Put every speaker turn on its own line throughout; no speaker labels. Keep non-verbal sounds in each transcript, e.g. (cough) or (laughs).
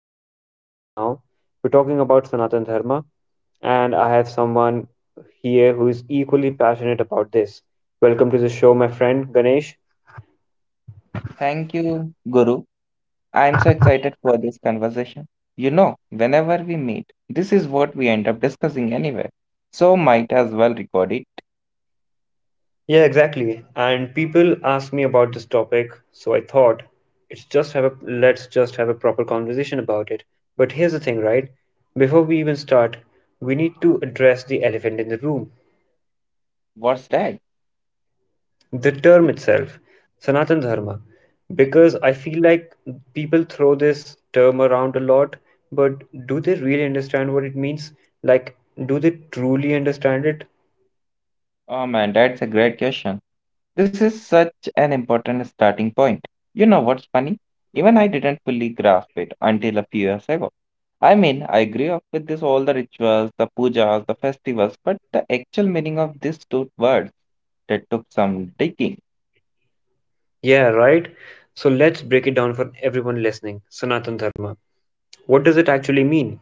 heart for years now. We're talking about Sanatan Dharma, and I have someone here who is equally passionate about this. Welcome to the show, my friend Ganesh.
Thank you, Guru. I am so excited for this conversation. You know, whenever we meet, this is what we end up discussing anyway. So might as well record it.
Yeah, exactly. And people ask me about this topic, so I thought it's just have a let's just have a proper conversation about it. But here's the thing, right? Before we even start, we need to address the elephant in the room,
What's that?
the term itself, Sanatan Dharma, because I feel like people throw this term around a lot, but do they really understand what it means? Like, do they truly understand it?
Oh man, that's a great question. This is such an important starting point. You know what's funny? Even I didn't fully grasp it until a few years ago. I mean, I grew up with this all the rituals, the pujas, the festivals, but the actual meaning of these two words that took some digging.
Yeah, right? So let's break it down for everyone listening. Sanatan Dharma, what does it actually mean?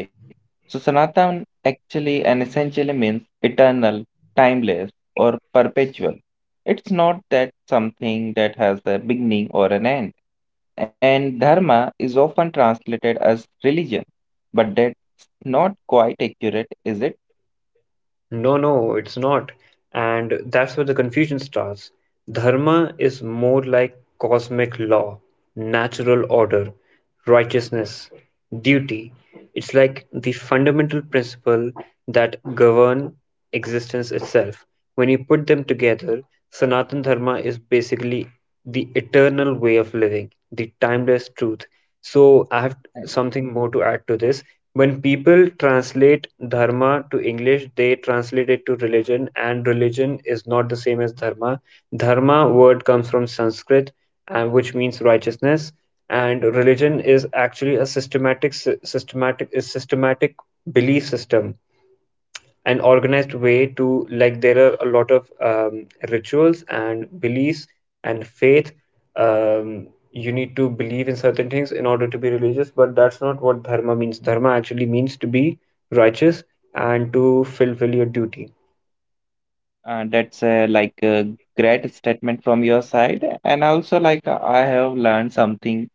Okay, so Sanatan actually and essentially means eternal, timeless, or perpetual. It's not that something that has a beginning or an end. And dharma is often translated as religion, but that's not quite accurate, is it?
No, no, it's not. And that's where the confusion starts. Dharma is more like cosmic law, natural order, righteousness, duty. It's like the fundamental principle that govern existence itself. When you put them together, Sanatan Dharma is basically the eternal way of living, the timeless truth. So, I have something more to add to this. When people translate Dharma to English, they translate it to religion, and religion is not the same as Dharma. Dharma word comes from Sanskrit, and which means righteousness, and religion is actually a systematic belief system, an organized way to. Like, there are a lot of rituals and beliefs and faith. You need to believe in certain things in order to be religious, but that's not what dharma means. Dharma actually means to be righteous and to fulfill your duty.
That's like a great statement from your side. And also, like, I have learned something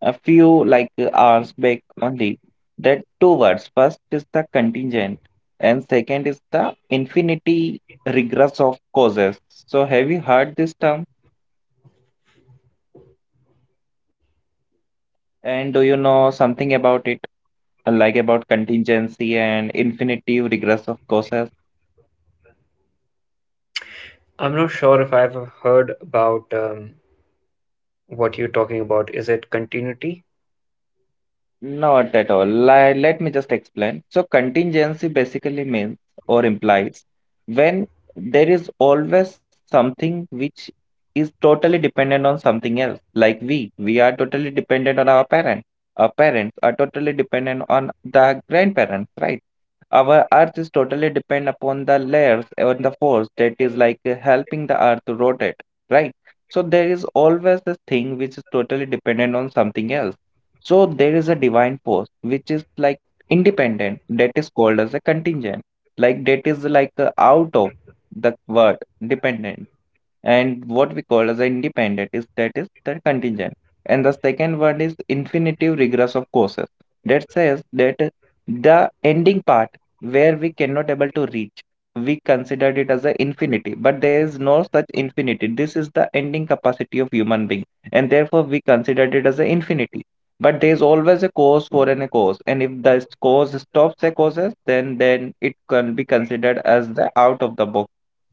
a few like hours back only. That two words. First is the contingent, and second is the infinity regress of causes. So have you heard this term? And do you know something about it, like about contingency and infinity regress of causes?
I'm not sure if I've heard about what you're talking about. Is it continuity?
Not at all. Let me just explain. So, contingency basically means or implies when there is always something which is totally dependent on something else. Like we are totally dependent on our parents. Our parents are totally dependent on the grandparents, right? Our earth is totally dependent upon the layers and the force that is like helping the earth to rotate, right? So, there is always this thing which is totally dependent on something else, so there is a divine force which is like independent, that is called as a contingent, like that is like a out of the word dependent, and what we call as independent is that is the contingent. And the second one is infinitive regress of causes that says that the ending part where we cannot able to reach, we considered it as an infinity, but there is no such infinity. This is the ending capacity of human being, and therefore we considered it as an infinity. But there is always a cause for an a cause, and if the cause stops the causes, then it can be considered as the out of the box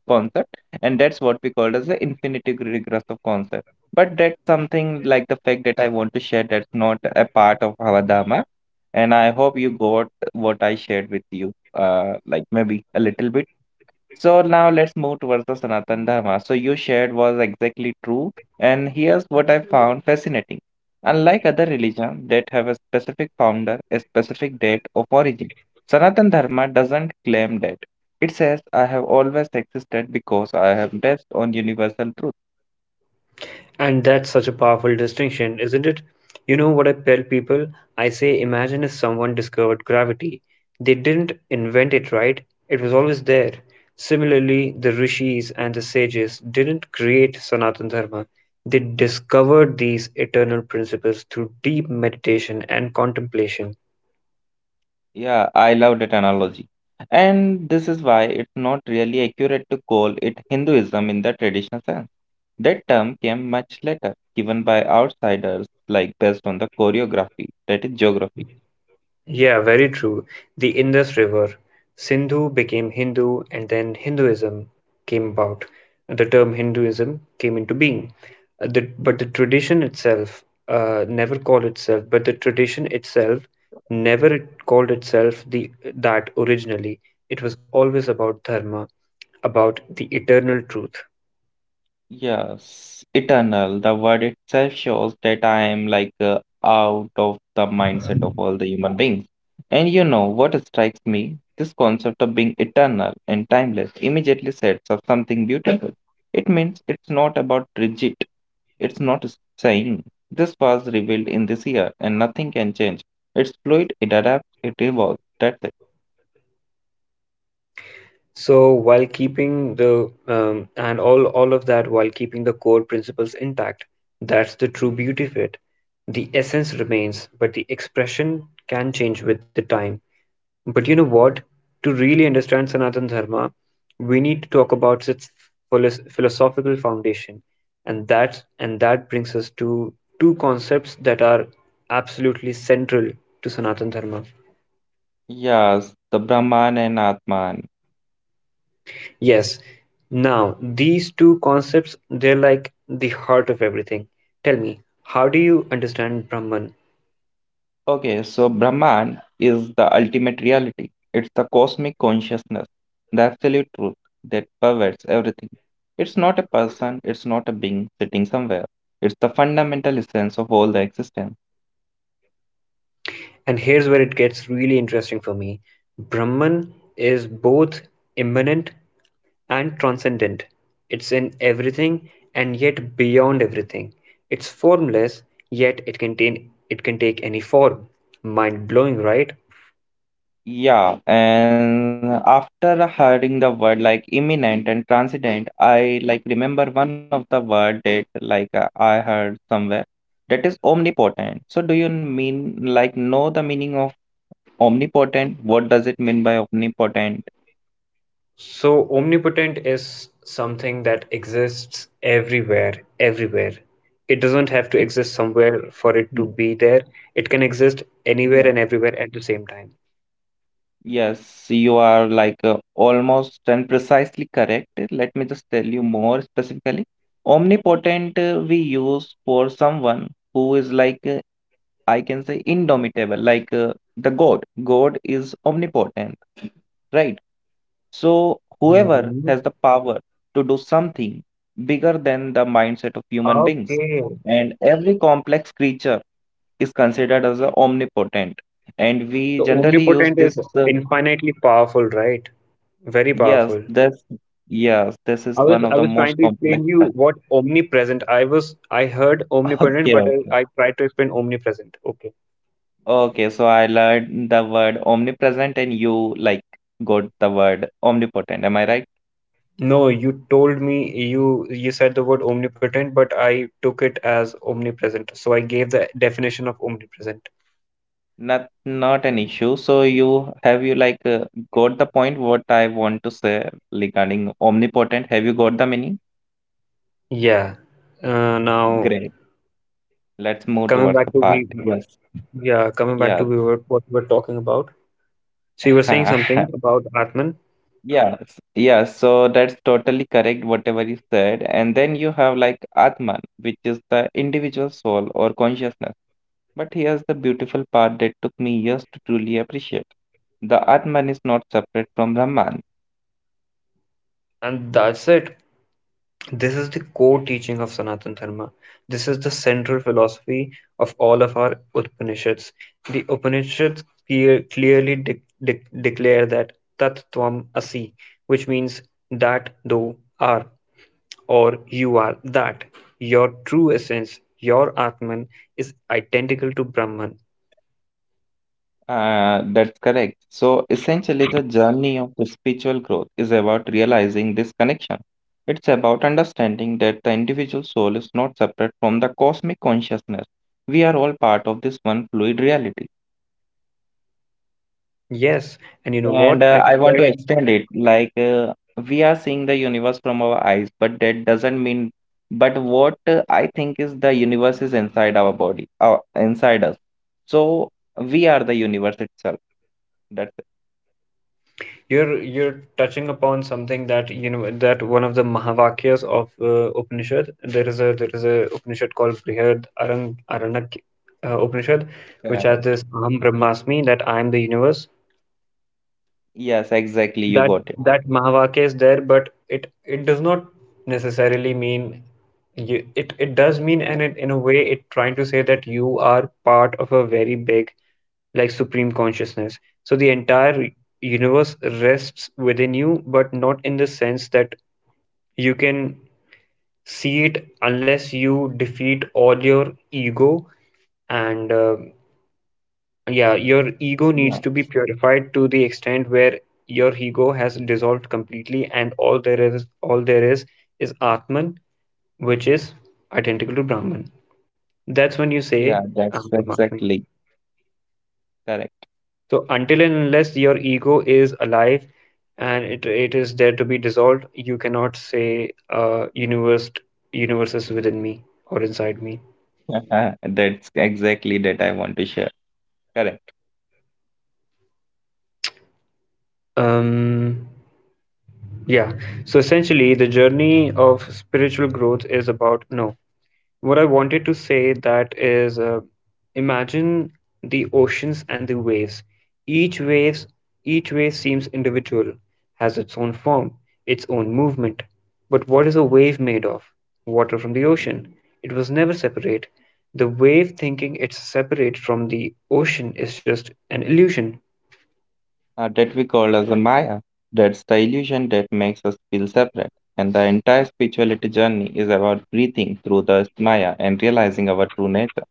concept. And that's what we call as the infinity regress of concept. But that's something like the fact that I want to share. That's not a part of our dharma, and I hope you got what I shared with you, uh, like maybe a little bit. So now let's move towards the Sanatan Dharma. So you shared was exactly true, and here's what I found fascinating. Unlike other religions that have a specific founder, a specific date of origin, Sanatan Dharma doesn't claim that. It says, I have always existed because I am based on universal truth.
And that's such a powerful distinction, isn't it? You know what I tell people? I say, imagine if someone discovered gravity. They didn't invent it, right? It was always there. Similarly, the rishis and the sages didn't create Sanatana Dharma. They discovered these eternal principles through deep meditation and contemplation.
Yeah, I love that analogy. And this is why it's not really accurate to call it Hinduism in the traditional sense. That term came much later, given by outsiders, like based on the choreography, that is geography.
Yeah, very true. The Indus River. Sindhu became Hindu, and then Hinduism came about. The term Hinduism came into being. The, but the tradition itself never called itself, but the tradition itself never it called itself the that originally. It was always about dharma, about the eternal truth.
Yes, eternal, the word itself shows that I am like out of the mindset of all the human beings. And you know what strikes me? This concept of being eternal and timeless immediately sets up something beautiful. It means it's not about rigid. It's not saying this was revealed in this year and nothing can change. It's fluid, it adapts, it evolves. That's it.
So, while keeping the and all of that, while keeping the core principles intact, that's the true beauty of it. The essence remains, but the expression can change with the time. But you know what? To really understand Sanatana Dharma, we need to talk about its philosophical foundation, and that brings us to two concepts that are absolutely central to Sanatana Dharma.
Yes, the Brahman and Atman.
Yes. Now, these two concepts, they're like the heart of everything. Tell me, how do you understand Brahman?
Okay, so Brahman is the ultimate reality. It's the cosmic consciousness, the absolute truth that pervades everything. It's not a person, it's not a being sitting somewhere. It's the fundamental essence of all the existence.
And here's where it gets really interesting for me. Brahman is both immanent and transcendent. It's in everything and yet beyond everything. It's formless, yet it can take any form. Mind blowing, right?
Yeah, and after hearing the word like imminent and transient, I like remember one of the word that I heard somewhere, that is omnipotent. So do you mean like know the meaning of omnipotent? What does it mean by omnipotent?
So, omnipotent is something that exists everywhere. It doesn't have to
It.
exist somewhere for it to
Hmm.
be there. It can exist
Yeah.
anywhere and everywhere at the same time.
Yes, you are like almost and precisely correct. Let me just tell you more specifically. Omnipotent, we use for someone who is like I can say indomitable, like the God. God is omnipotent, right? So, whoever
Hmm.
has the power to do something bigger than the mindset of human beings,
Okay.
and every complex creature is considered as a omnipotent, and we
So,
generally use
omnipotent is
this,
infinitely powerful, right? Very
yes
powerful.
this yes this
I
is
was
one of
I
the
was trying
most
to
complex
explain you what omnipresent. I heard
(laughs)
omnipotent,
okay,
but
okay.
I tried to explain omnipresent. Okay.
Okay, so I learned the word omnipresent and you like got the word omnipotent. Am I right?
No, you told me you said the word omnipotent, but I took it as omnipresent. So I gave the definition of omnipresent.
Not not an issue. So you have you like got the point what I want to say regarding omnipotent. Have you got the meaning?
Yeah. Now
Great. Let's move
coming
towards the
back to
part.
we
Yes.
yeah,
Yeah.
what we were talking about. So you were saying something
(laughs)
about Atman,
Yeah. Yeah. So that's totally correct, whatever you said. And then you have like Atman, which is the individual soul or consciousness. But here's the beautiful part that took me years to truly appreciate. The Atman is not separate from Brahman.
and that's it. This is the core teaching of Sanatana Dharma. This is the central philosophy of all of our Upanishads. The Upanishads clearly declare that Tat Tvam Asi, which means that thou are, or you are that. Your true essence, your Atman, is identical to Brahman.
That's correct. So essentially, the journey of the spiritual growth is about realizing this connection. It's about understanding that the individual soul is not separate from the cosmic consciousness. We are all part of this one fluid reality.
Yes, and you know
And
what? I
I want to
compared.
extend it like we are seeing the universe from our eyes, but that doesn't mean. But what I think is the universe is inside our body, inside us. So we are the universe itself. That's
You're touching upon something that you know that one of the Mahavakyas of Upanishad. There is a Upanishad called Brihad Aranak Upanishad, which has
correct.
this Aham Brahmasmi that I am the universe.
Yes, exactly. You
that
got it.
that Mahavakya is there, but it does not necessarily mean you, it does mean and it, in a way it trying to say that you are part of a very big, like, supreme consciousness. So the entire universe rests within you, but not in the sense that you can see it unless you defeat all your ego, and yeah, your ego
Yeah.
needs to be purified to the extent where your ego has dissolved completely, and all there is Atman, which is identical to Brahman. That's when you
Yeah,
say,
that's
I'm Brahmasmi.
exactly correct.
So until and unless your ego is alive and it is there to be dissolved, you cannot say, universe is within me or inside me.
(laughs) That's exactly that I want to share. Correct.
Um, yeah. So essentially, the journey of spiritual growth is about no. What I wanted to say that is, imagine the oceans and the waves. Each each wave seems individual, has its own form, its own movement. But what is a wave made of? Water from the ocean. It was never separate. The wave thinking it's separate from the ocean is just an illusion.
Uh, that we call as the Maya. That's the illusion that makes us feel separate. And the entire spirituality journey is about breathing through the Maya and realizing our true nature.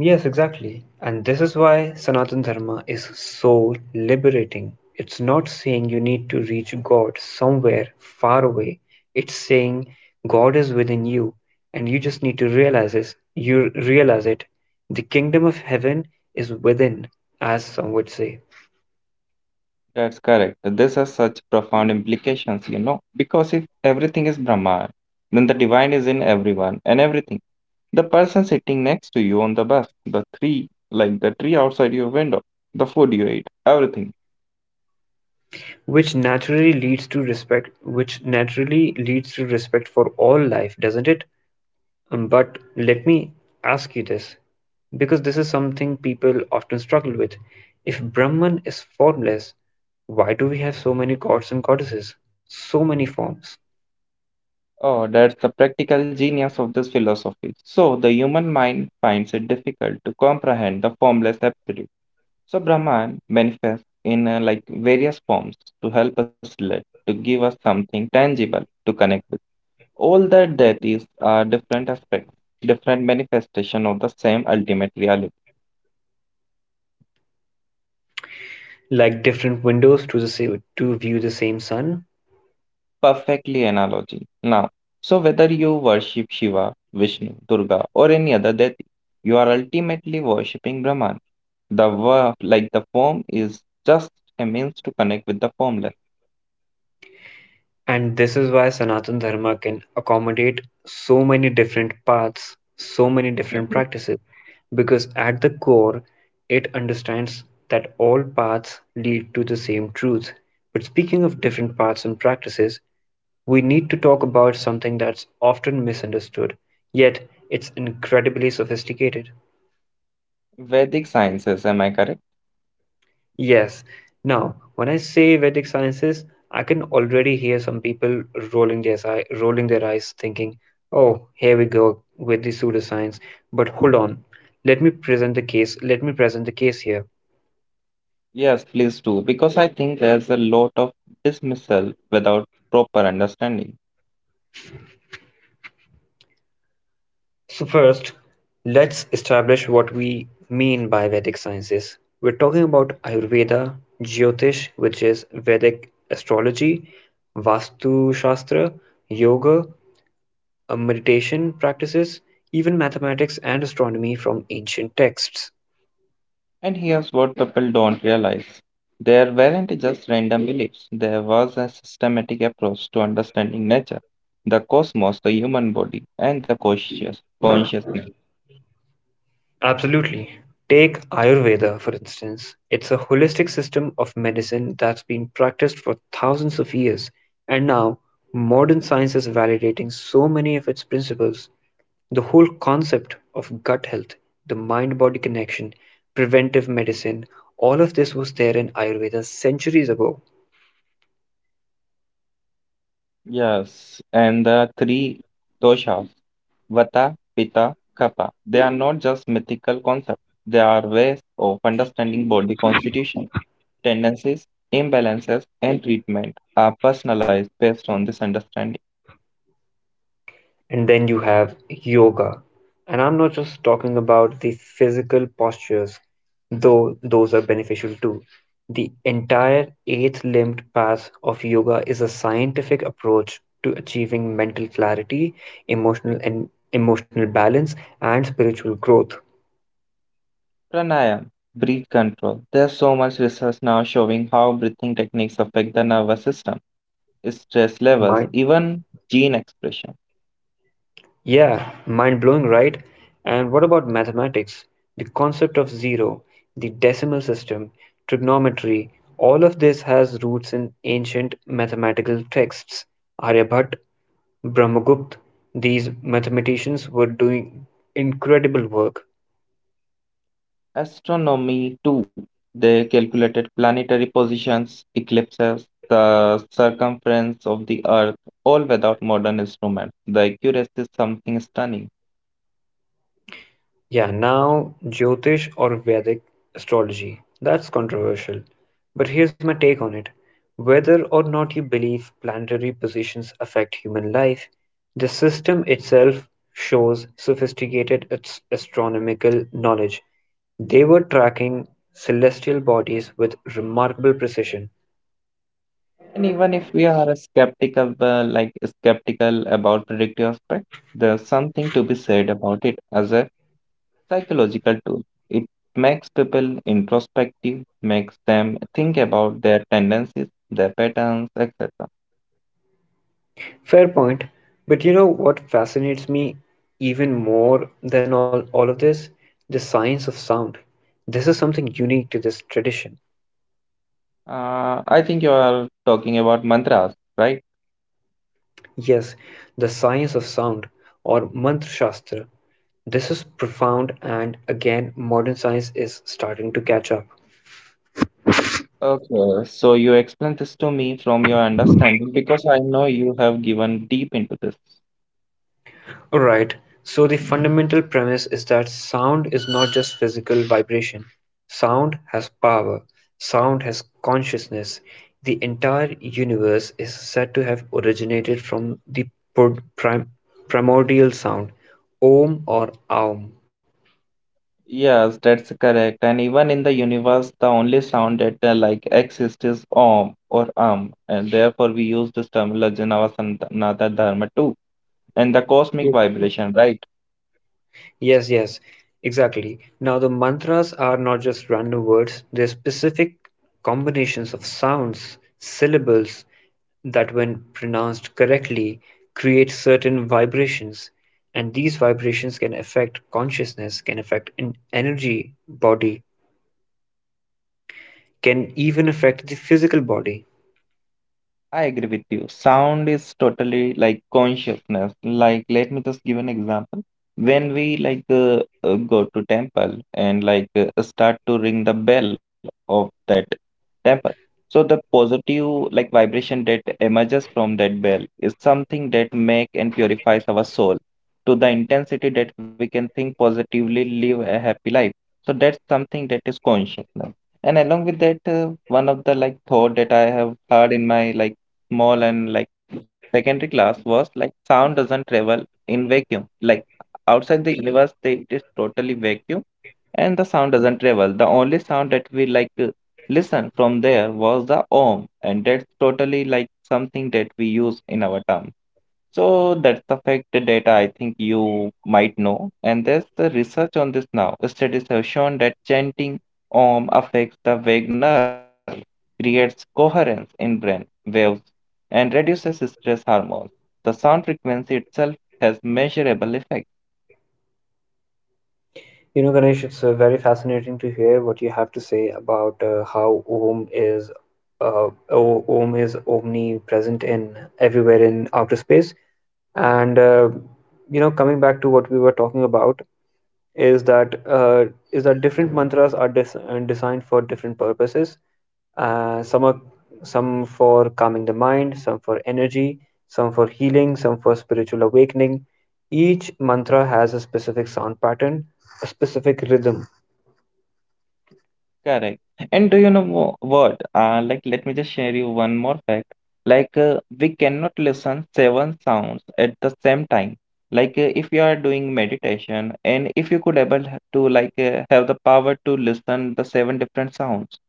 Yes, exactly. And this is why Sanatana Dharma is so liberating. It's not saying you need to reach God somewhere far away. It's saying God is within you, and you just need to realize this. You realize it. The kingdom of heaven is within, as some would say,
That's correct. This has such profound implications, you know, because if everything is Brahman, then the divine is in everyone and everything. The person sitting next to you on the bus, the tree, like the tree outside your window, the food you ate, everything.
which naturally leads to respect, which naturally leads to respect for all life, doesn't it? But let me ask you this, because this is something people often struggle with. If Brahman is formless, why do we have so many gods and goddesses, so many forms,
Oh, that's the practical genius of this philosophy. So, the human mind finds it difficult to comprehend the formless absolute. So, Brahman manifests in, like, various forms to help us live, to give us something tangible to connect with. All that that is are different aspects, different manifestation of the same ultimate reality.
like different windows to the to view the same sun?
Perfectly analogy. Now, so whether you worship Shiva, Vishnu, Durga, or any other deity, you are ultimately worshipping Brahman. The verb, like the form, is just a means to connect with the formless.
And this is why Sanatana Dharma can accommodate so many different paths, so many different practices, because at the core, it understands that all paths lead to the same truth. But speaking of different paths and practices, we need to talk about something that's often misunderstood, yet it's incredibly sophisticated.
Vedic sciences, am I correct?
Yes. Now, when I say Vedic sciences, I can already hear some people rolling their eyes, thinking, "Oh, here we go with the pseudoscience." But hold on, let me present the case. Let me present the case here.
Yes, please do, because I think there's a lot of dismissal without proper understanding.
So first, let's establish what we mean by Vedic sciences. We're talking about Ayurveda, Jyotish, which is Vedic astrology, Vastu Shastra, Yoga, meditation practices, even mathematics and astronomy from ancient texts.
And here's what people don't realize. There weren't just random beliefs, there was a systematic approach to understanding nature, the cosmos, the human body, and the consciousness.
Absolutely. Take Ayurveda, for instance. It's a holistic system of medicine that's been practiced for thousands of years, and now modern science is validating so many of its principles. The whole concept of gut health, the mind body connection, preventive medicine, all of this was there in Ayurveda centuries ago.
Yes, and the three doshas, Vata, Pitta, Kapha, they are not just mythical concepts, they are ways of understanding body constitution, tendencies, imbalances, and treatment are personalized based on this understanding.
And then you have yoga. And I'm not just talking about the physical postures, though those are beneficial too. The entire eighth limbed path of yoga is a scientific approach to achieving mental clarity, emotional balance, and spiritual growth.
Pranayam, breath control. There's so much research now showing how breathing techniques affect the nervous system, stress levels,
Mind
even gene expression.
Yeah, mind blowing, right? And what about mathematics? The concept of zero, the decimal system, trigonometry, all of this has roots in ancient mathematical texts. Aryabhatta, Brahmagupta, these mathematicians were doing incredible work.
Astronomy, too. They calculated planetary positions, eclipses, the circumference of the Earth, all without modern instruments. The accuracy is something stunning.
Yeah, now Jyotish or Vedic astrology. That's controversial. But here's my take on it. Whether or not you believe planetary positions affect human life, the system itself shows sophisticated astronomical knowledge. They were tracking celestial bodies with remarkable precision.
And even if we are skeptical, like skeptical about predictive aspect, there's something to be said about it as a psychological tool. It makes people introspective, makes them think about their tendencies, their patterns, etc.
Fair point. But you know what fascinates me even more than all of this? The science of sound. This is something unique to this tradition.
I think you are talking about mantras, right?
Yes, the science of sound or mantra shastra. This is profound, and again modern science is starting to catch up.
Okay, so you explain this to me from your understanding because I know you have given deep into this.
Right. So the fundamental premise is that sound is not just physical vibration. Sound has power. Sound has consciousness. The entire universe is said to have originated from the pro- prim- primordial sound, Om or Aum.
Yes, that's correct. And even in the universe, the only sound that exists is om or and therefore we use this terminology in our Sanatana Dharma too. And the cosmic vibration, right?
Yes, yes, exactly. Now, the mantras are not just random words, they're specific combinations of sounds, syllables that, when pronounced correctly, create certain vibrations. And these vibrations can affect consciousness, can affect an energy body, can even affect the physical body.
I agree with you. Sound is totally like consciousness. Like, let me just give an example. When we go to temple and start to ring the bell of that temple, so the positive like vibration that emerges from that bell is something that make and purifies our soul to the intensity that we can think positively, live a happy life. So that's something that is consciousness. And along with that, one of the like thought that I have heard in my like small and like secondary class was like sound doesn't travel in vacuum. Like outside the universe, they, it is totally vacuum and the sound doesn't travel. The only sound that we listen from there was the om, and that's totally like something that we use in our term. So that's the fact the data I think you might know. And there's the research on this now. Studies have shown that chanting Om affects the vagus nerve, creates coherence in brain waves, and reduces stress hormones. The sound frequency itself has measurable effect.
You know, Ganesh, it's very fascinating to hear what you have to say about how Om is omnipresent in everywhere in outer space. And you know, coming back to what we were talking about is that different mantras are designed for different purposes. Some are some for calming the mind, some for energy, some for healing, some for spiritual awakening. Each mantra has a specific sound pattern, a specific rhythm.
Correct. And do you know what? Let me just share you one more fact. We cannot listen seven sounds at the same time. If you are doing meditation, and if you could able to have the power to listen the seven different sounds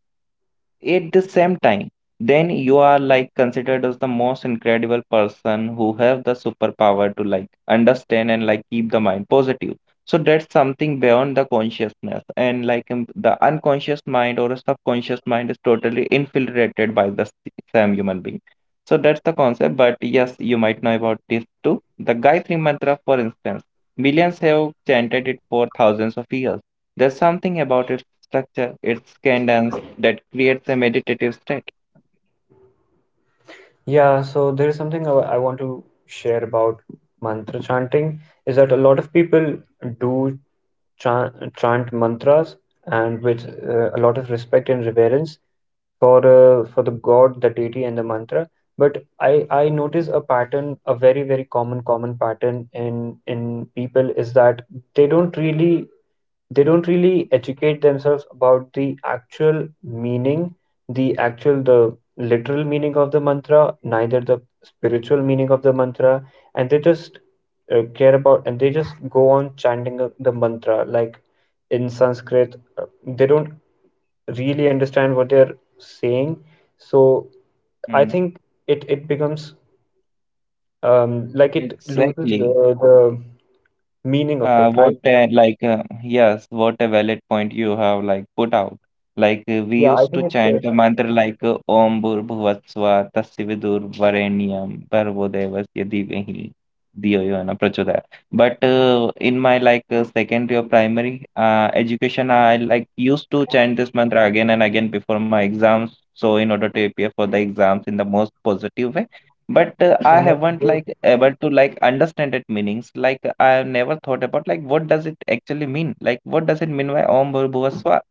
at the same time, then you are like considered as the most incredible person who have the superpower to like understand and like keep the mind positive. So that's something beyond the consciousness and the unconscious mind or a subconscious mind is totally infiltrated by the same human being. So that's the concept. But yes, you might know about this too. The Gayatri Mantra, for instance, millions have chanted it for thousands of years. There's something about its structure, its cadence, that creates a meditative state.
Yeah, so there is something I want to share about mantra chanting is that a lot of people do chant mantras and with a lot of respect and reverence for the god, the deity, and the mantra. But I notice a pattern, a very common pattern in people is that they don't really they don't really educate themselves about the actual meaning, the literal meaning of the mantra, neither the spiritual meaning of the mantra, and they just care about and they just go on chanting the mantra like in Sanskrit. They don't really understand what they're saying, so I
Mm,
think it becomes like it loses the,
exactly.
the meaning of it,
What
right?
a, like yes, what a valid point you have like put out. We
Yeah, I
used
think
to
it's
chant a mantra Om Bhur Bhuvat Swa Tasya Vidur Varenyam Bhargo Devasya Dhimahi धियो यो न प्रचोदयात्. But in my secondary or primary education, I like used to chant this mantra again and again before my exams. So in order to appear for the exams in the most positive way. But I
I'm not
haven't
good.
like able to like understand it meanings. Like I have never thought about like what does it actually mean? Like what does it mean by Om Bhur Bhuva Swaha?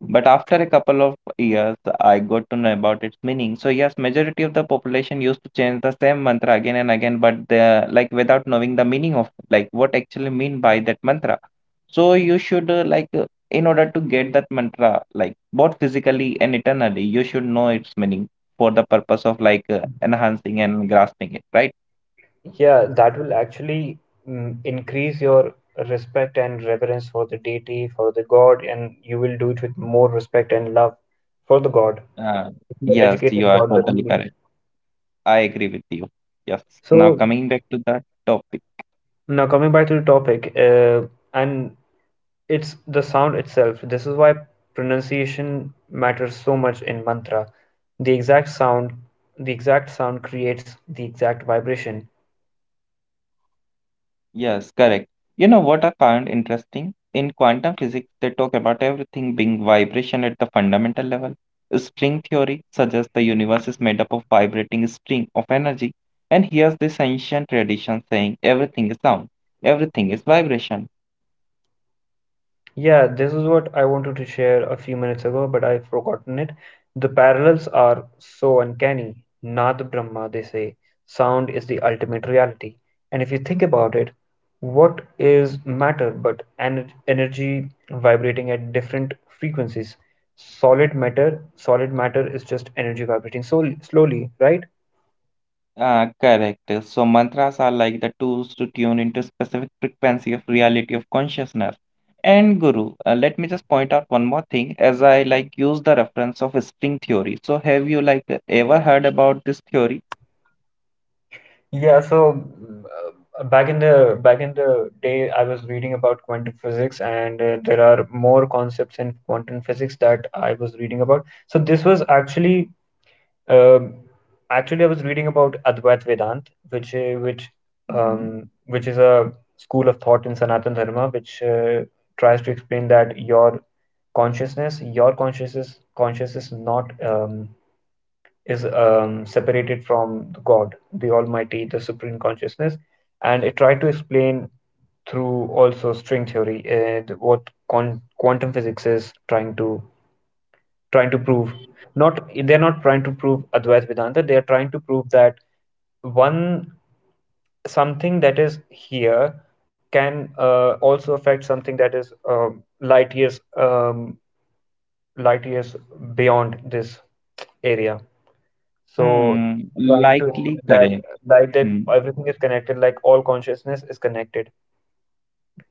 But after a couple of years, I got to know about its meaning. So yes, majority of the population used to change the same mantra again and again, but the like without knowing the meaning of like what actually mean by that mantra. So you should in order to get that mantra like both physically and eternally, you should know its meaning for the purpose of enhancing and grasping it, right?
Yeah, that will actually increase your respect and reverence for the deity, for the God, and you will do it with more respect and love for the God,
Uh,
your
yes, you
educated
are
God, the
totally
real.
correct. I agree with you. Yes. Now
So
coming back to that topic.
now coming back to the topic, and it's the sound itself. This is why pronunciation matters so much in mantra. The exact sound, the exact sound creates the exact vibration.
Yes, correct. You know what I found interesting? In quantum physics, they talk about everything being vibration at the fundamental level. String theory suggests the universe is made up of vibrating string of energy, and here's this ancient tradition saying everything is sound, everything is vibration.
Yeah, this is what I wanted to share a few minutes ago, but I've forgotten it. The parallels are so uncanny. Nad Brahma, they say, sound is the ultimate reality. And if you think about it, what is matter but energy vibrating at different frequencies? Solid matter is just energy vibrating so slowly, right?
Ah, correct. So mantras are like the tools to tune into specific frequency of reality of consciousness. And Guru, let me just point out one more thing as I like use the reference of string theory. So have you like ever heard about this theory?
Yeah, so back in the day, I was reading about quantum physics, and there are more concepts in quantum physics that I was reading about. So this was um, actually I was reading about Advait Vedant,
Mhm.
which is a school of thought in Sanatana Dharma, which tries to explain that your consciousness is not is separated from God, the Almighty, the Supreme Consciousness, and it tried to explain through also string theory and what quantum physics is trying to prove. Not they're not trying to prove Advaita Vedanta. They are trying to prove that one something that is here can also affect something that is light years beyond this area. So
Hmm,
trying to
likely
explain that
correct.
that
Hmm.
everything is connected, like all consciousness is connected.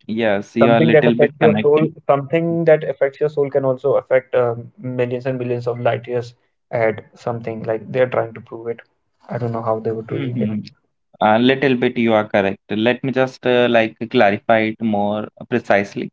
Yes, you are a little bit connected.
Something that affects your soul can also affect millions and billions of light years at something like they're trying to prove it. I don't know how they would do it.
Mm-hmm. A little bit you are correct. Let me just clarify it more precisely.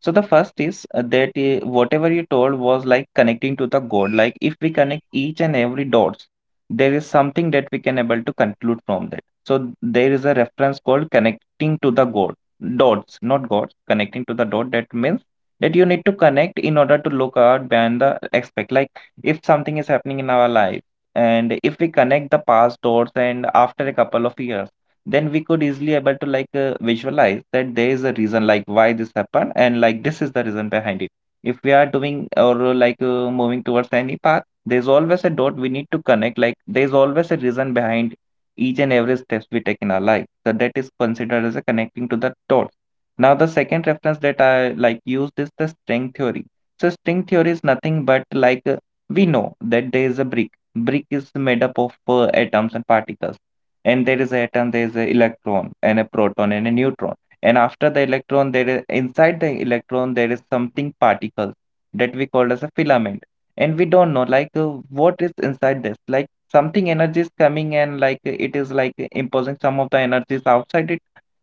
So the first is that whatever you told was like connecting to the God. Like if we connect each and every dots, there is something that we can able to conclude from that. So there is a reference called connecting to the God. Dots, not gods. Connecting to the dot. That means that you need to connect in order to look out beyond the aspect. Like if something is happening in our life, and if we connect the past dots, and after a couple of years, then we could easily able to visualize that there is a reason like why this happened and like this is the reason behind it. If we are doing or moving towards any path, there's always a dot we need to connect. Like there's always a reason behind each and every steps we take in our life, so that is considered as a connecting to the dot. Now the second reference that I like used is the string theory. So string theory is nothing but we know that there is a brick. Brick is made up of atoms and particles, and there is atom, there is an electron and a proton and a neutron, and after the electron, there is, inside the electron, there is something particles that we call as a filament. And we don't know what is inside this, like something energy is coming and like it is like imposing some of the energies outside it.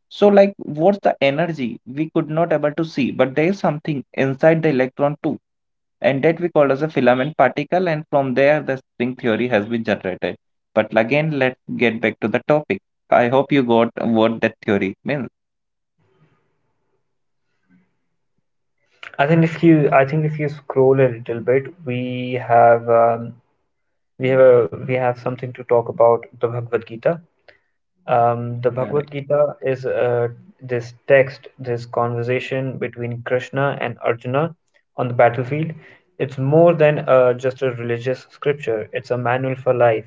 So like, what's the energy? We could not able to see, but there is something inside the electron too, and that we call as a filament particle, and from there the string theory has been generated. But again, let's get back to the topic. I hope you got what that theory means.
I think if you scroll a little bit, we have we we have something to talk about the Bhagavad Gita. The Bhagavad
Correct.
Gita is this text, this conversation between Krishna and Arjuna on the battlefield. It's more than just a religious scripture. It's a manual for life.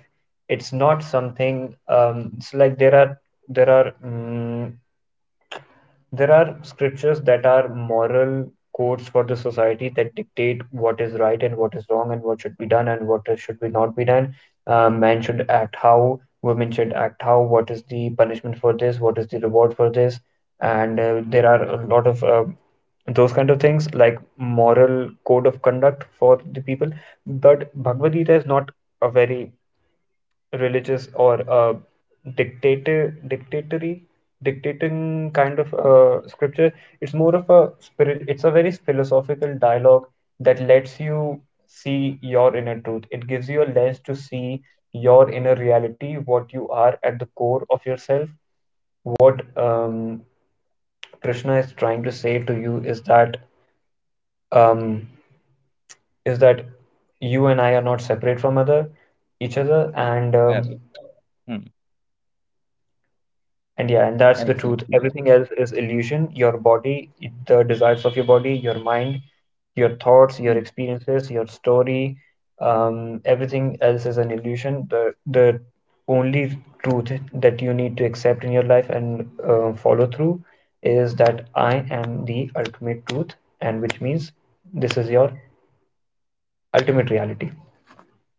It's not something. It's like there are mm there are scriptures that are moral codes for the society that dictate what is right and what is wrong and what should be done and what should be not be done. Men should act how, women should act how, what is the punishment for this, what is the reward for this. And there are a lot of those kind of things like moral code of conduct for the people. But Bhagavad Gita is not a very religious or dictator dictatory dictating kind of scripture. It's more of a spirit. It's a very philosophical dialogue that lets you see your inner truth. It gives you a lens to see your inner reality, what you are at the core of yourself. What Krishna is trying to say to you um, is that you and I are not separate from other each other, and
Correct. Hmm.
and yeah, and that's the
Exactly.
truth.
Yeah.
Everything else is illusion. Your body, the desires of your body, your mind, your thoughts, your
Hmm.
experiences, your story, everything else is an illusion. The only truth that you need to accept in your life and follow through is that I am the ultimate truth, and which means this is your ultimate reality.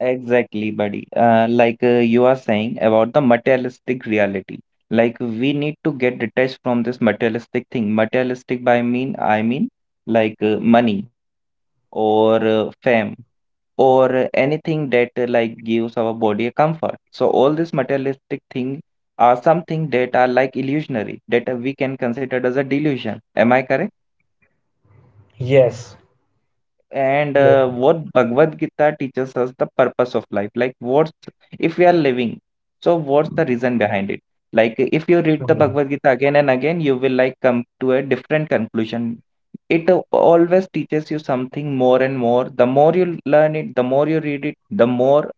Exactly, buddy. You are saying about the materialistic reality. Like we need to get detached from this materialistic thing. Materialistic by mean I mean money or fame or anything that like gives our body a comfort. So all these materialistic things are something that are like illusionary that we can consider as a delusion. Am I correct?
Yes.
And
Yes.
what Bhagavad Gita teaches us the purpose of life. Like what's if we are living, so what's the reason behind it? Like if you read the
Mhm.
Bhagavad Gita again and again, you will like come to a different conclusion. It always teaches you something more and more. The more you learn it, the more you read it, the more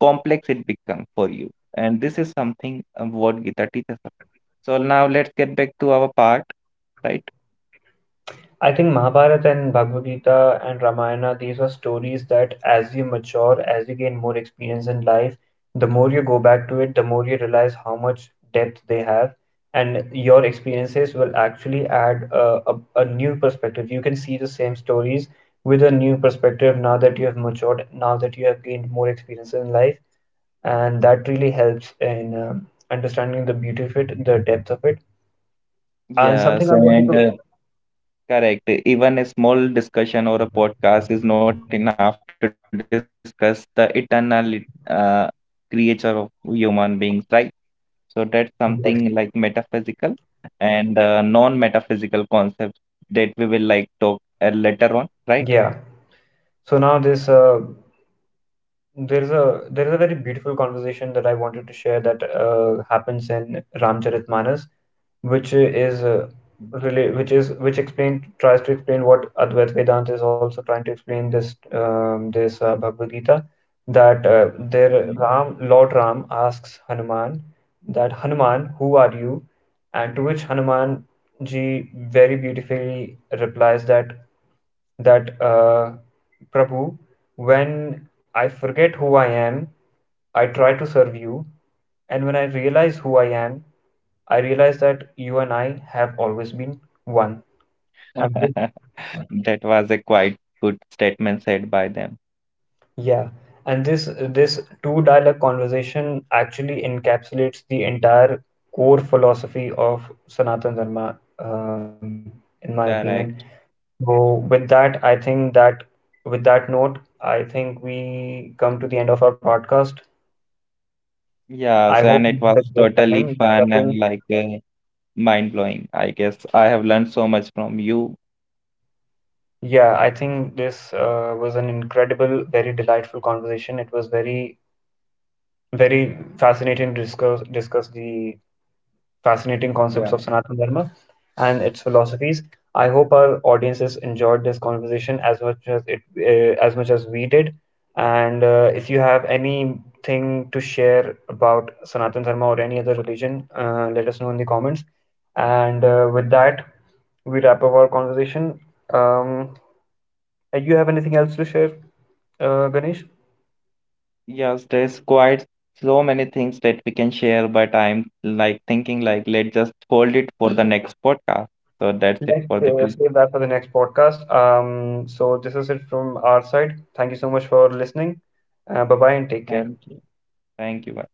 complex it become for you. And this is something what Gita teaches us. So now let's get back to our part, right?
I think Mahabharata and Bhagavad Gita and Ramayana, these are stories that as you mature, as you gain more experience in life, the more you go back to it, the more you realize how much depth they have. And your experiences will actually add a new perspective. You can see the same stories with a new perspective now that you have matured, now that you have gained more experience in life. And that really helps in understanding the beauty of it, the depth of it. And something
Yes,
I wanted
and
to,
correct. Even a small discussion or a podcast is not enough to discuss the eternal creature of human beings, right? So that's something like metaphysical and non-metaphysical concepts that we will like talk later on, right?
yeah. So now this there's a there is a very beautiful conversation that I wanted to share that happens in Ramcharitmanas, which is which explain tries to explain what Advait Vedanta is also trying to explain, this Bhagavad Gita, that there Ram
Mhm.
Lord Ram asks Hanuman that Hanuman, who are you? And to which Hanuman ji very beautifully replies that that uh, Prabhu, when I forget who I am, I try to serve you, and when I realize who I am, I realize that you and I have always been one. And this,
(laughs) That was a quite good statement said by them.
yeah, and this two dialogue conversation actually encapsulates the entire core philosophy of Sanatana Dharma, in my opinion.
Correct.
So with that, I think that with that note, I think we come to the end of our podcast. I
Yes,
hope
and
you
it
had a
was
great
totally
time
fun
discussing.
and mind-blowing. I guess I have learned so much from you.
Yeah, I think this was an incredible, very delightful conversation. It was very, very fascinating to discuss the fascinating concepts of
Yeah.
Sanatana Dharma and its philosophies. I hope our audiences enjoyed this conversation as much as much as we did. And if you have anything to share about Sanatana Dharma or any other religion, let us know in the comments. And with that, we wrap up our conversation. Um, you have anything else to share, Ganesh?
Yes, there's quite so many things that we can share, but I'm like thinking like let's just hold it for the next podcast. So that's it
Let's
for the two.
save that for the next podcast. So this is it from our side. Thank you so much for listening. Bye bye and take care.
Thank you. Thank you.